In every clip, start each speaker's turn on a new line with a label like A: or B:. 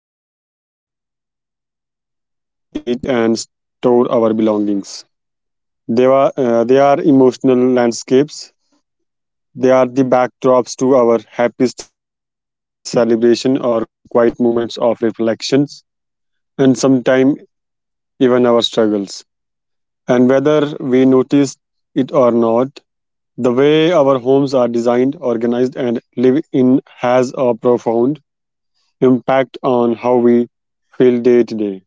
A: Home are not just places where we sleep, eat, and store our belongings. They are emotional landscapes. They are the backdrops to our happiest celebration or quiet moments of reflections, and sometimes even our struggles. And whether we notice it or not, the way our homes are designed, organized, and live in has a profound impact on how we feel day to day.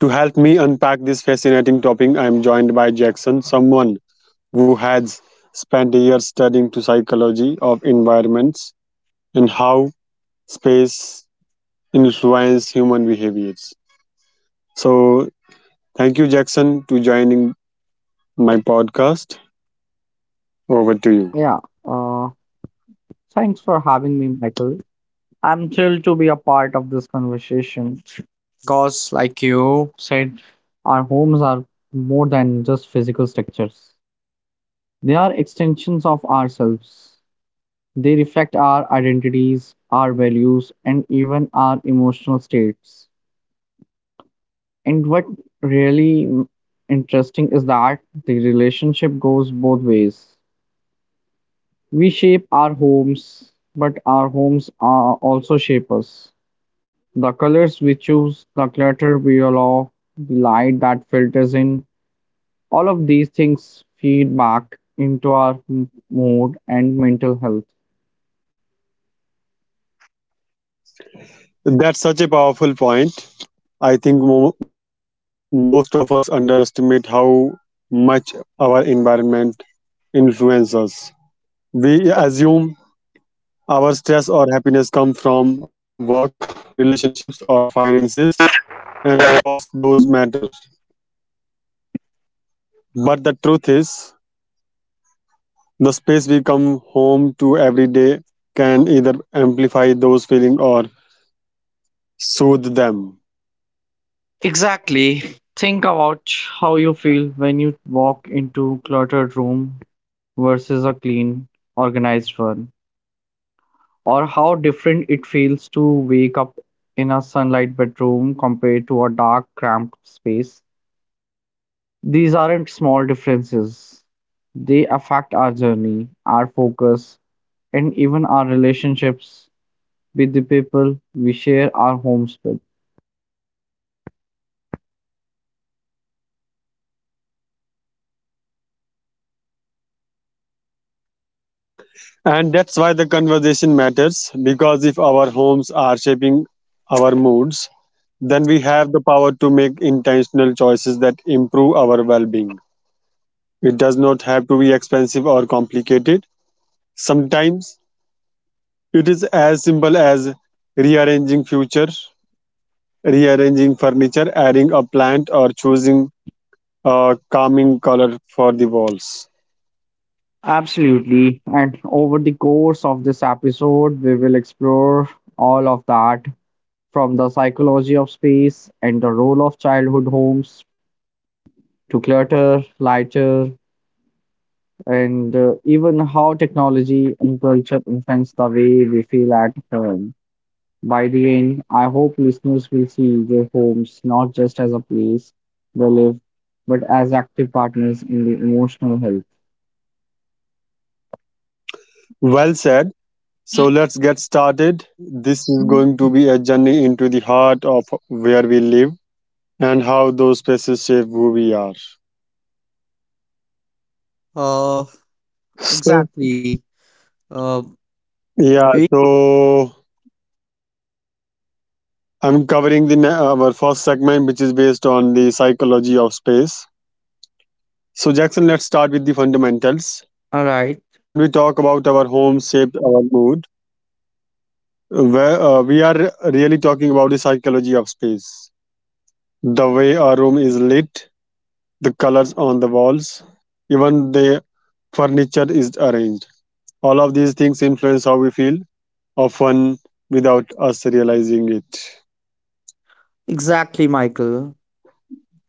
A: To help me unpack this fascinating topic, I am joined by Jackson, someone who has spent years studying the psychology of environments and how space influences human behaviors. So, Thank you, Jackson, to joining my podcast. Over to you.
B: Yeah, uh, thanks for having me, Michael. I'm thrilled to be a part of this conversation because, like you said, our homes are more than just physical structures. They are extensions of ourselves. They reflect our identities, our values, and even our emotional states. And what really interesting is that the relationship goes both ways. We shape our homes, but our homes are also shape us. The colors we choose, the clutter we allow, the light that filters in, all of these things feed back into our mood and mental health.
A: That's such a powerful point. I think most of us underestimate how much our environment influences us. We assume our stress or happiness come from work, relationships, or finances, and of course, those matter. But the truth is, the space we come home to every day can either amplify those feelings or soothe them.
B: Exactly. Think about how you feel when you walk into cluttered room versus a clean, organized one, or how different it feels to wake up in a sunlight bedroom compared to a dark, cramped space. These aren't small differences, they affect our journey, our focus, and even our relationships with the people we share our homes with.
A: And that's why the conversation matters because if our homes are shaping our moods, then we have the power to make intentional choices that improve our well being. It does not have to be expensive or complicated. Sometimes it is as simple as rearranging future, rearranging furniture, adding a plant, or choosing a calming color for the walls.
B: Absolutely. And over the course of this episode, we will explore all of that from the psychology of space and the role of childhood homes to clutter, lighter, and even how technology and culture influence the way we feel at home. By the end, I hope listeners will see their homes not just as a place they live, but as active partners in the emotional health.
A: Well said. So let's get started. This is going to be a journey into the heart of where we live and how those spaces shape who we are. So, yeah, so I'm covering our first segment, which is based on the psychology of space. So, Jackson, let's start with the fundamentals.
B: All right,
A: When we talk about our home shaped our mood, we are really talking about the psychology of space, the way our room is lit, the colors on the walls, even the furniture is arranged. All of these things influence how we feel, often without us realizing it.
B: exactly, Michael.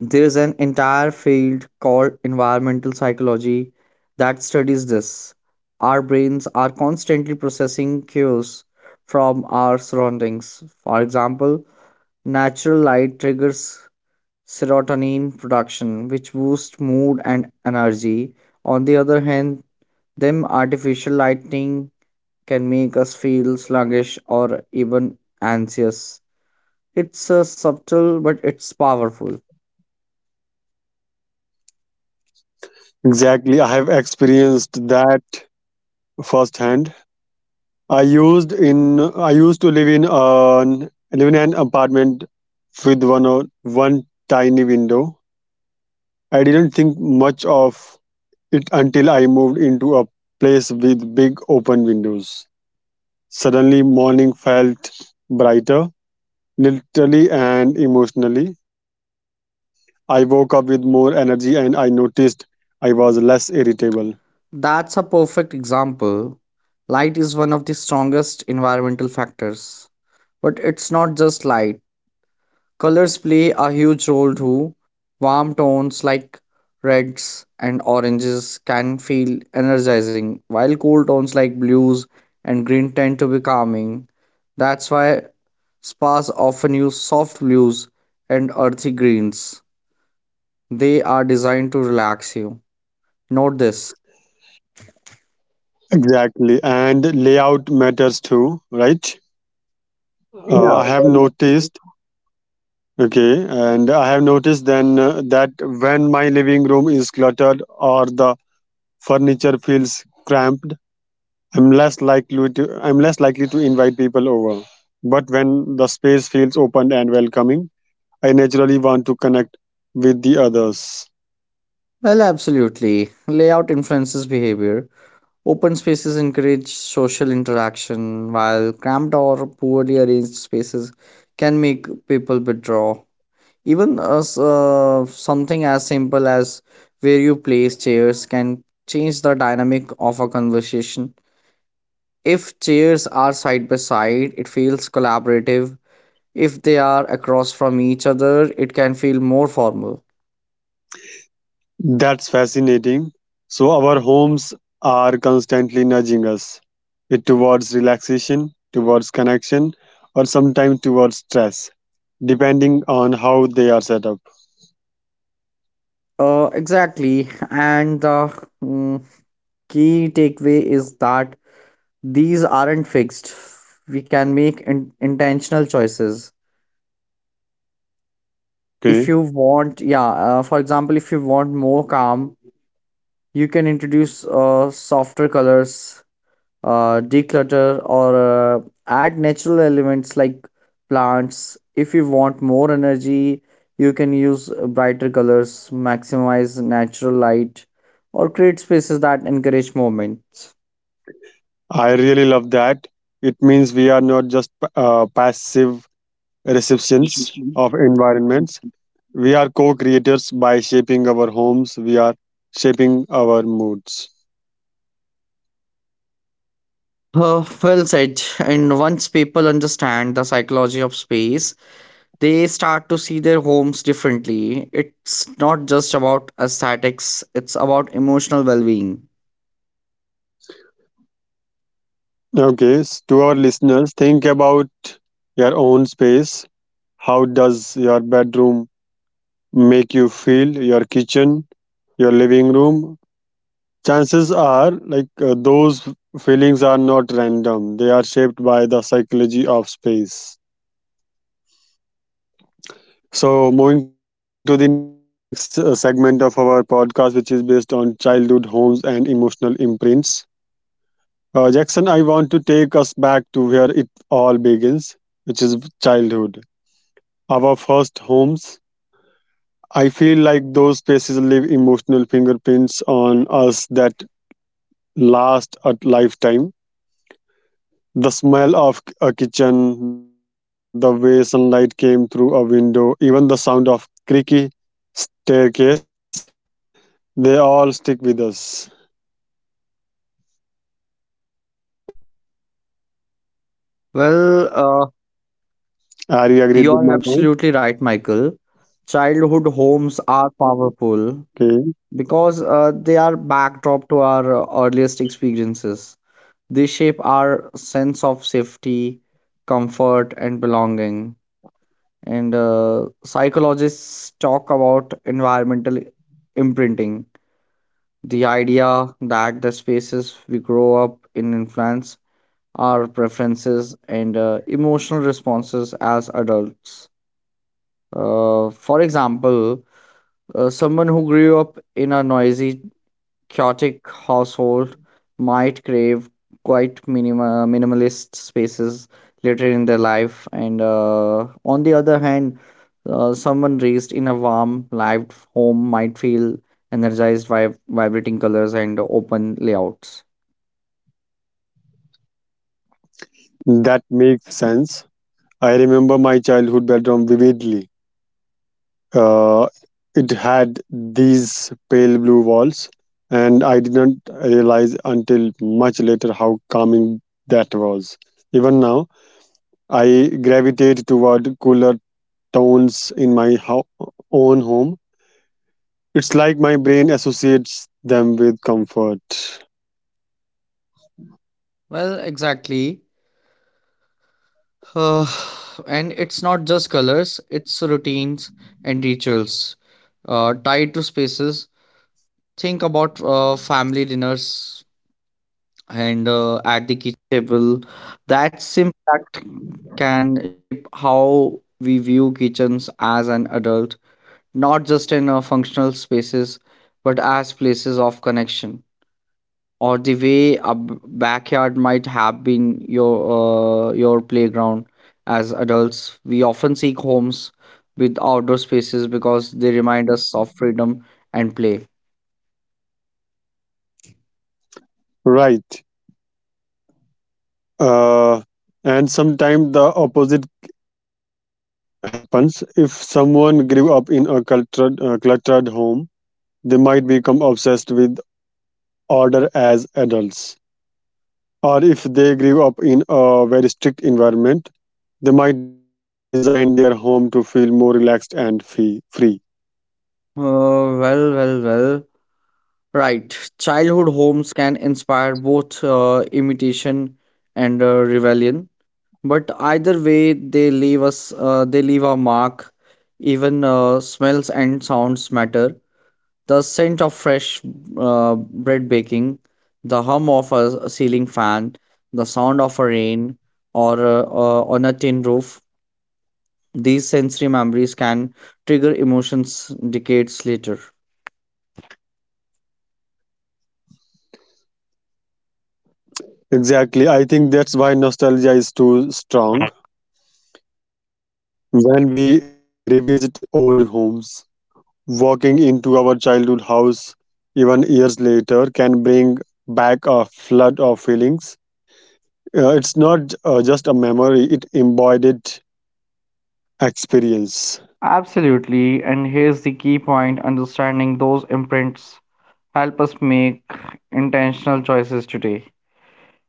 B: There is an entire field called environmental psychology that studies this. Our brains are constantly processing cues from our surroundings. For example, natural light triggers serotonin production, which boosts mood and energy. On the other hand, them artificial lighting can make us feel sluggish or even anxious. It's a subtle but it's powerful.
A: Exactly, I have experienced that firsthand. i used in I used to live in an apartment with one tiny window. I didn't think much of it until I moved into a place with big open windows. Suddenly morning felt brighter, literally and emotionally. I woke up with more energy and I noticed I was less irritable.
B: That's a perfect example. Light is one of the strongest environmental factors. But it's not just light. Colors play a huge role too. Warm tones like reds and oranges can feel energizing, while cool tones like blues and green tend to be calming. That's why spas often use soft blues and earthy greens. They are designed to relax you. Note this.
A: Exactly. And layout matters too, right?
B: Yeah.
A: I have noticed then that when my living room is cluttered or the furniture feels cramped, I'm less likely to invite people over. But when the space feels open and welcoming, I naturally want to connect with the others.
B: Well, absolutely. Layout influences behavior. Open spaces encourage social interaction, while cramped or poorly arranged spaces can make people withdraw. Something as simple as where you place chairs can change the dynamic of a conversation. If chairs are side by side, it feels collaborative. If they are across from each other, it can feel more formal.
A: That's fascinating. So, our homes are constantly nudging us it towards relaxation, towards connection, or sometimes towards stress, depending on how they are set up.
B: Exactly. And the key takeaway is that these aren't fixed. We can make intentional choices. If
A: Okay,
B: you want, yeah, for example, if you want more calm, you can introduce softer colors, declutter or uh, add natural elements like plants. If you want more energy, you can use brighter colors, maximize natural light, or create spaces that encourage movement.
A: I really love that. It means we are not just passive recipients of environments. We are co creators. By shaping our homes, we are shaping our moods.
B: Well said. And once people understand the psychology of space, they start to see their homes differently. It's not just about aesthetics, it's about emotional well being.
A: Okay, s- to our listeners, think about your own space. How does your bedroom make you feel? Your kitchen, your living room? Chances are, those feelings are not random, they are shaped by the psychology of space. So, moving to the next segment of our podcast, which is based on childhood homes and emotional imprints. Jackson, I want to take us back to where it all begins, which is childhood. Our first homes. I feel like those spaces leave emotional fingerprints on us that last a lifetime. The smell of a kitchen, the way sunlight came through a window, even the sound of creaky staircase, they all stick with us.
B: Well, uh,
A: Are you agreed with
B: You're
A: my point?
B: absolutely right, Michael. Childhood homes are powerful
A: Okay,
B: because they are backdrop to our earliest experiences. They shape our sense of safety, comfort, and belonging. And psychologists talk about environmental imprinting, the idea that the spaces we grow up in influence our preferences and emotional responses as adults. For example, someone who grew up in a noisy, chaotic household might crave quite minimalist spaces later in their life. And on the other hand, someone raised in a warm, lived home might feel energized by vibrating colors and open layouts.
A: that makes sense. I remember my childhood bedroom vividly. Uh, it had these pale blue walls, and I didn't realize until much later how calming that was. Even now, I gravitate toward cooler tones in my own home. It's like my brain associates them with comfort.
B: Can shape how we view kitchens as an adult, not just in a functional spaces, but as places of connection. Or the way a backyard might have been your playground as adults. We often seek homes with outdoor spaces because they remind us of freedom and play.
A: Right. Uh, and sometimes the opposite happens. If someone grew up in a cluttered home, they might become obsessed with order as adults. Or if they grew up in a very strict environment, they might design their home to feel more relaxed and free.
B: Uh, well, well, well. Right. Childhood homes can inspire both imitation and rebellion, but either way they leave a mark. Even smells and sounds matter: the scent of fresh bread baking, the hum of a ceiling fan, the sound of a rain or on a tin roof. These sensory memories can trigger emotions decades later.
A: Exactly. I think that's why nostalgia is too strong. When we revisit old homes, walking into our childhood house even years later can bring back a flood of feelings. It's not just a memory, it embodied experience.
B: Absolutely, and here's the key point: understanding those imprints help us make intentional choices today.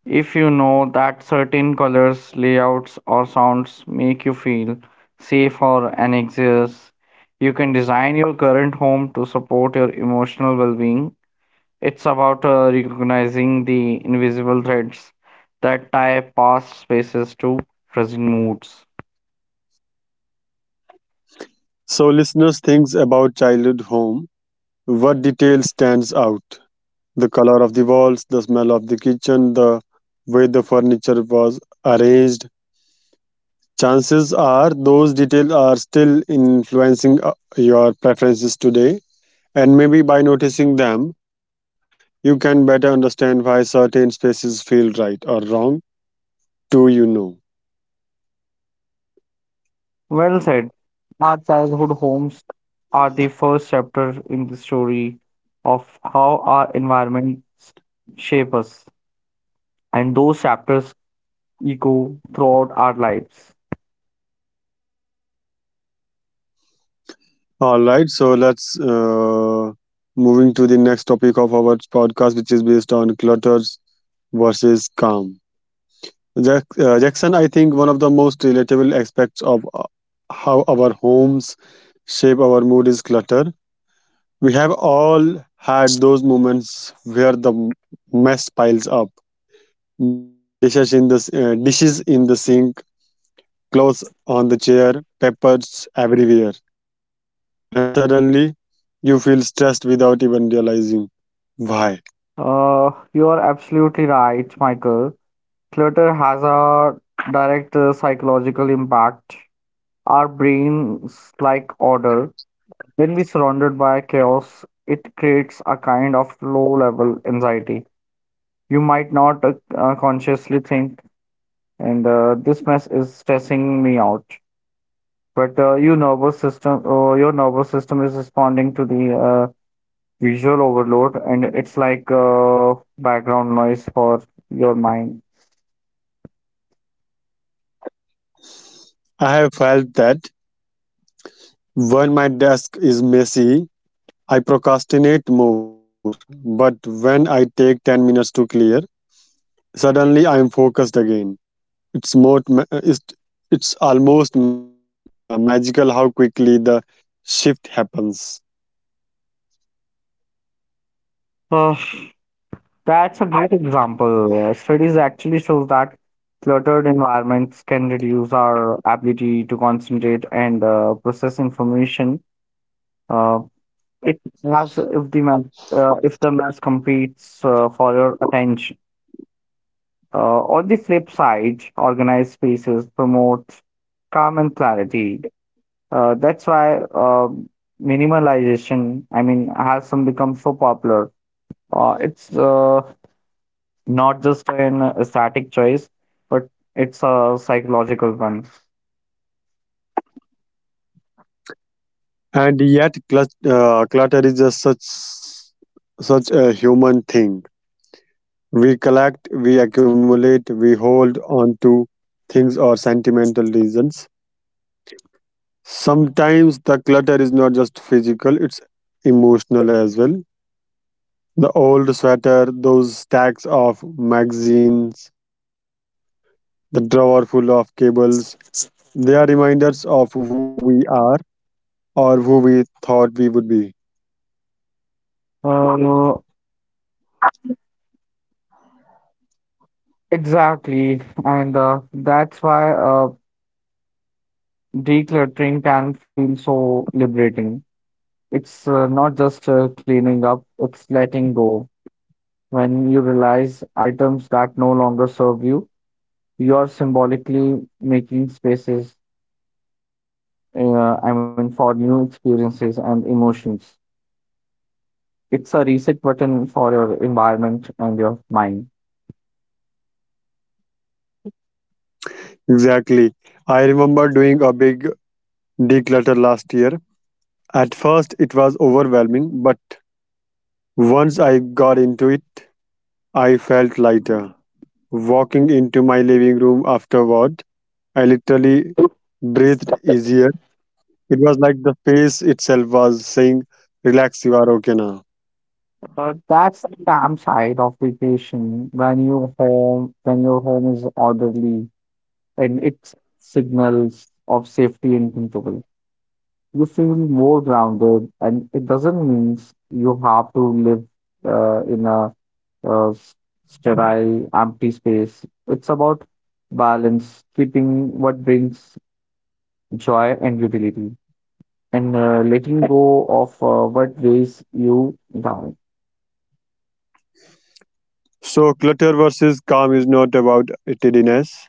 B: If you know that certain colors, layouts, or sounds make you feel safe or anxious, you can design your current home to support your emotional well being. It's about recognizing the invisible threads that tie past spaces to present moods.
A: So, listeners, think about childhood home. What detail stands out? The color of the walls, the smell of the kitchen, the way the furniture was arranged. Chances are those details are still influencing your preferences today, and maybe by noticing them, you can better understand why certain spaces feel right or wrong to you know.
B: Well said. Our childhood homes are the first chapter in the story of how our environments shape us, and those chapters echo throughout our lives.
A: All right, so let's moving to the next topic of our podcast, which is based on clutters versus calm. Jackson, I think one of the most relatable aspects of how our homes shape our mood is clutter. We have all had those moments where the mess piles up. Dishes in the sink, clothes on the chair, papers everywhere, and suddenly you feel stressed without even realizing why.
B: You are absolutely right, Michael. Clutter has a direct psychological impact. Our brains like order. When we surrounded by chaos, it creates a kind of low-level anxiety. You might not consciously think, and this mess is stressing me out. But your nervous system is responding to the visual overload, and it's like background noise for your mind.
A: I have felt that when my desk is messy I procrastinate more, but when I take 10 minutes to clear, suddenly I am focused again. It's more ma- it's almost ma- magical how quickly the shift happens.
B: Uh, that's a great example. Studies actually shows that cluttered environments can reduce our ability to concentrate and process information. Uh, it as if the mass competes for your attention. On the flip side, organized spaces promote calm and clarity. That's why minimalization, I mean, has some become so popular. It's not just an aesthetic choice, but it's a psychological one.
A: And yet clutter is just such a human thing. We collect, we accumulate, we hold on to things or sentimental reasons. Sometimes the clutter is not just physical, it's emotional as well. The old sweater, those stacks of magazines, the drawer full of cables, they are reminders of who we are or who we thought we would be.
B: Uh, exactly, and that's why decluttering can feel so liberating. It's not just cleaning up, it's letting go. When you realize items that no longer serve you, you're symbolically making spaces uh, I mean, for new experiences and emotions. It's a reset button for your environment and your mind.
A: Exactly. I remember doing a big declutter last year. At first, it was overwhelming, but once I got into it, I felt lighter. Walking into my living room afterward, I literally breathed easier. It was like the space itself was saying, "Relax, you are okay now."
B: But that's the damn side of vacation when your home is orderly and it signals of safety and control. You feel more grounded, and it doesn't mean you have to live in a uh, sterile, empty space. It's about balance, keeping what brings joy and utility, and letting go of what weighs you down.
A: So, clutter versus calm is not about tidiness,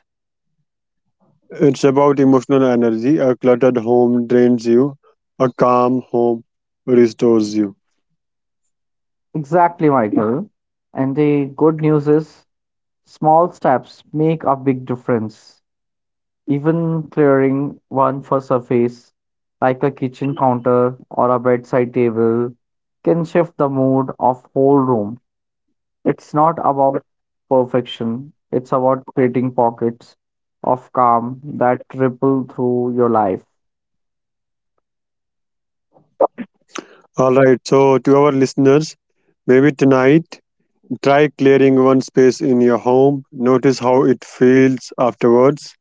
A: it's about emotional energy. A cluttered home drains you, a calm home restores you.
B: Exactly, Michael. And the good news is, small steps make a big difference. Even clearing one for surface, like a kitchen counter or a bedside table, can shift the mood of whole room. It's not about perfection. It's about creating pockets of calm that ripple through your life.
A: All right, so to our listeners, maybe tonight try clearing one space in your home, notice how it feels afterwards.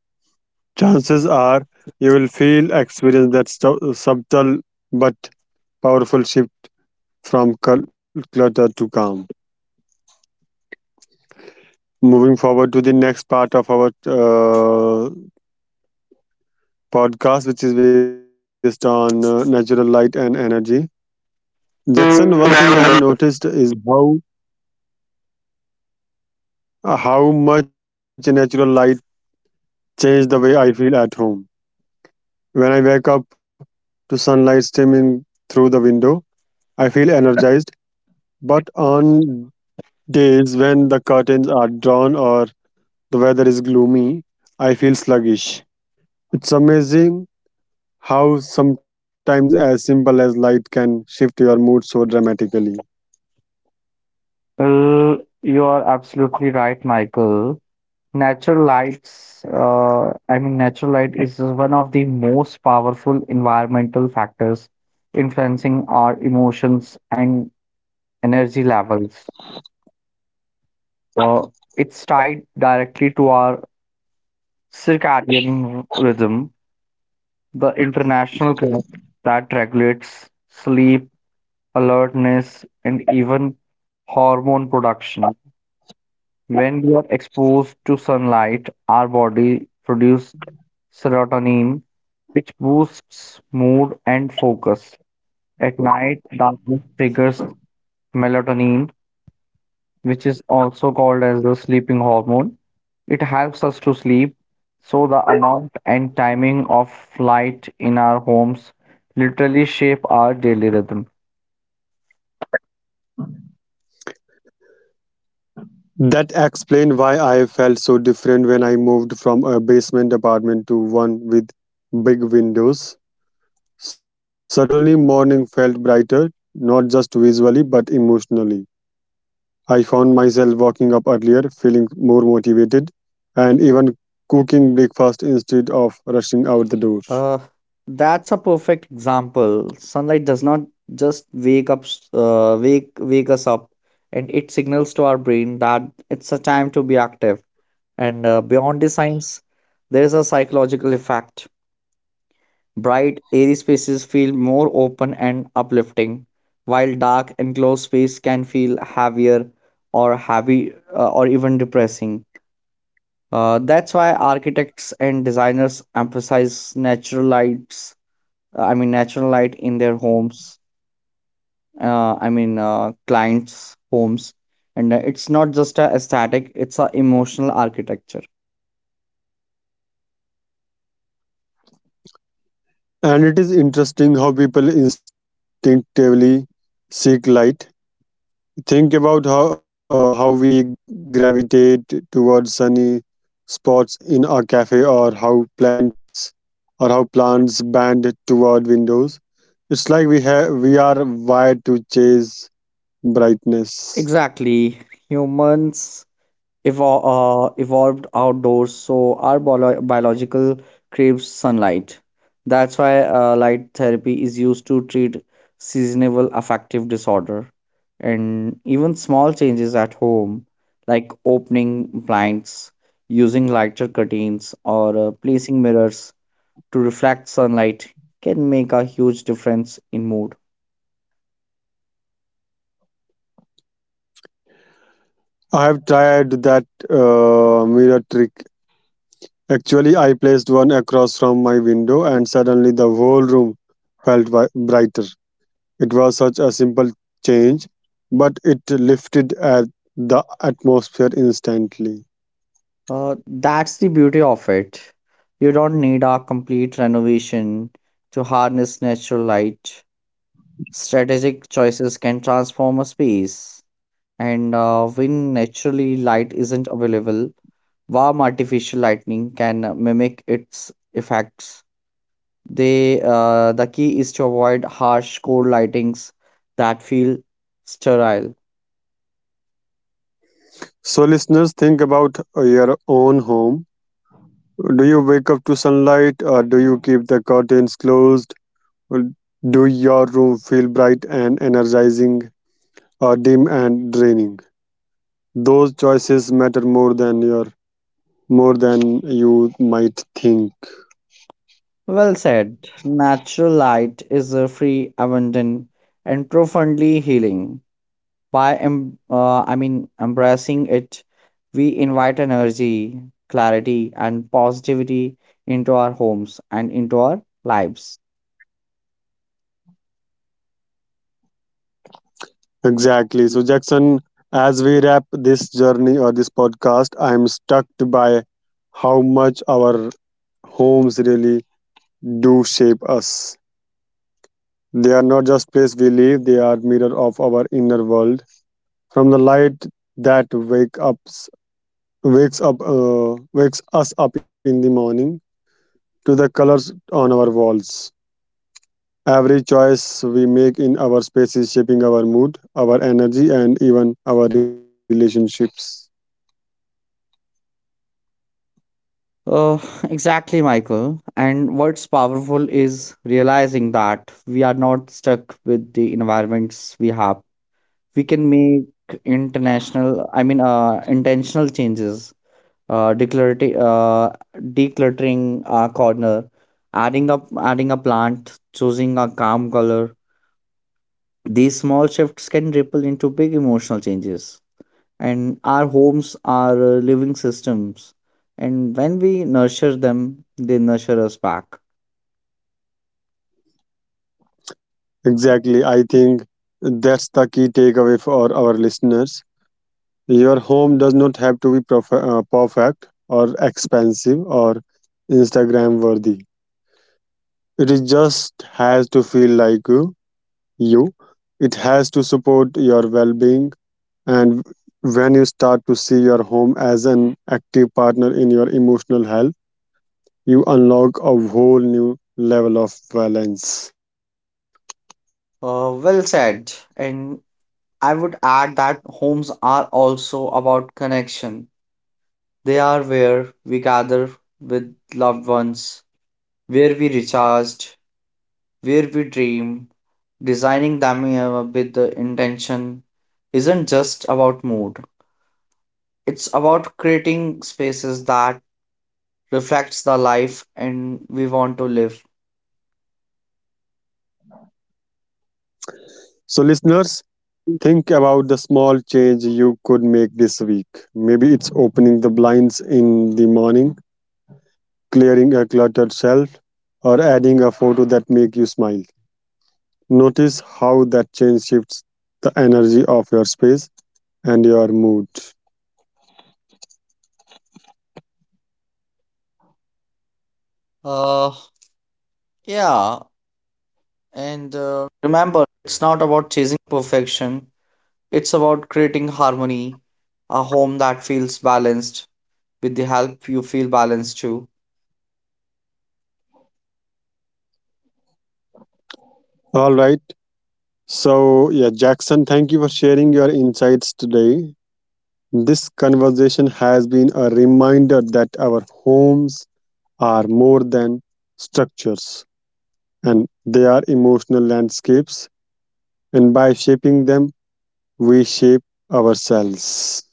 A: Chances are you will feel experience that subtle but powerful shift from clutter to calm. Moving forward to the next part of our uh, podcast, which is based on natural light and energy. Jackson, one thing I have noticed is how much natural light changed the way I feel at home. When I wake up to sunlight streaming through the window, I feel energized, but on days when the curtains are drawn or the weather is gloomy, I feel sluggish. It's amazing how sometimes as simple as light can shift your mood so dramatically.
B: Well, you are absolutely right, Michael. Natural light is one of the most powerful environmental factors influencing our emotions and energy levels. Uh, it's tied directly to our circadian rhythm, the international clock that regulates sleep, alertness, and even hormone production. When we are exposed to sunlight, our body produces serotonin, which boosts mood and focus. At night, darkness triggers melatonin, which is also called as the sleeping hormone. It helps us to sleep, so the amount and timing of light in our homes literally shape our daily rhythm.
A: That explained why I felt so different when I moved from a basement apartment to one with big windows. Suddenly, morning felt brighter, not just visually but emotionally. I found myself waking up earlier, feeling more motivated, and even cooking breakfast instead of rushing out the door.
B: Uh, that's a perfect example. Sunlight does not just wake us up, and it signals to our brain that it's a time to be active. And beyond the science, there's a psychological effect. Bright, airy spaces feel more open and uplifting, while dark, enclosed space can feel heavier or heavy or even depressing. That's why architects and designers emphasize natural light in their homes. Clients' homes, and it's not just a aesthetic; it's a emotional architecture.
A: And it is interesting how people instinctively seek light. Think about how we gravitate towards sunny spots in a cafe or how plants bend toward windows. It's like we are wired to chase brightness.
B: Exactly, humans evolved outdoors, so our biological craves sunlight. That's why light therapy is used to treat seasonal affective disorder. And even small changes at home, like opening blinds, using lighter curtains, or placing mirrors to reflect sunlight, can make a huge difference in mood.
A: I've tried that mirror trick. Actually, I placed one across from my window, and suddenly the whole room felt brighter. It was such a simple change, but it lifted at the atmosphere instantly.
B: That's the beauty of it. You don't need a complete renovation to harness natural light. Strategic choices can transform a space, and when naturally light isn't available, warm artificial lighting can mimic its effects. The key is to avoid harsh, cold lightings that feel sterile.
A: So, listeners, think about your own home. Do you wake up to sunlight, or do you keep the curtains closed? Do your room feel bright and energizing, or dim and draining? Those choices matter more than your more than you might think.
B: Well said. Natural light is a free, abundant, and profoundly healing. By embracing it, we invite energy, clarity, and positivity into our homes and into our lives.
A: Exactly. So Jackson, as we wrap this journey or this podcast, I'm struck by how much our homes really do shape us. They are not just place we live, they are mirror of our inner world. From the light that wakes us up in the morning to the colors on our walls, every choice we make in our space is shaping our mood, our energy, and even our relationships.
B: Uh, exactly, Michael. And what's powerful is realizing that we are not stuck with the environments we have. We can make intentional changes, declarative decluttering a corner, adding a plant, choosing a calm color. These small shifts can ripple into big emotional changes, and our homes are living systems, and when we nurture them they nurture us back.
A: Exactly. I think that's the key takeaway for our listeners. Your home does not have to be perfect or expensive or Instagram worthy. It is just has to feel like you. It has to support your well being. And when you start to see your home as an active partner in your emotional health, you unlock a whole new level of balance.
B: Well said. And I would add that homes are also about connection. They are where we gather with loved ones, where we recharged, where we dream. Designing them with the intention isn't just about mood. It's about creating spaces that reflects the life and we want to live.
A: So, listeners, think about the small change you could make this week. Maybe it's opening the blinds in the morning, clearing a cluttered shelf, or adding a photo that makes you smile. Notice how that change shifts the energy of your space and your mood.
B: It's about creating harmony, a home that feels balanced with the help you feel balanced too.
A: All right. So, yeah, Jackson, thank you for sharing your insights today. This conversation has been a reminder that our homes are more than structures, and they are emotional landscapes, and by shaping them, we shape ourselves.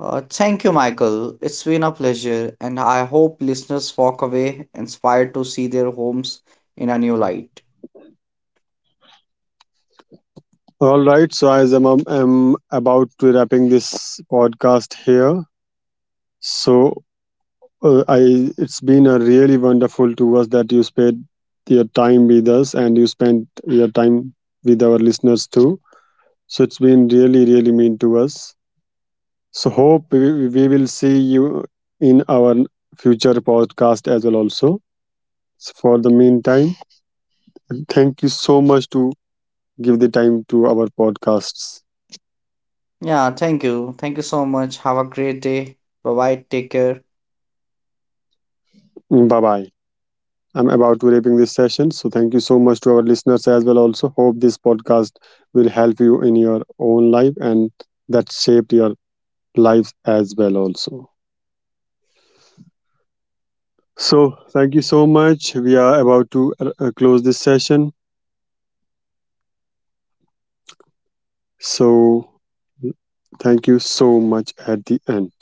B: Thank you, Michael. It's been a pleasure, and I hope listeners walk away inspired to see their homes in a new light.
A: All right, so as I'm about to wrapping this podcast here, so I it's been a really wonderful to us that you spent your time with us and you spent your time with our listeners too. So it's been really, really mean to us. So hope we will see you in our future podcast as well also. So for the meantime, thank you so much to give the time to our podcasts.
B: Yeah, thank you. Thank you so much. Have a great day. Bye bye. Take care.
A: Bye bye. I'm about to wrapping this session. So thank you so much to our listeners as well also. Hope this podcast will help you in your own life and that shaped your lives as well also. So thank you so much. We are about to close this session. So thank you so much at the end.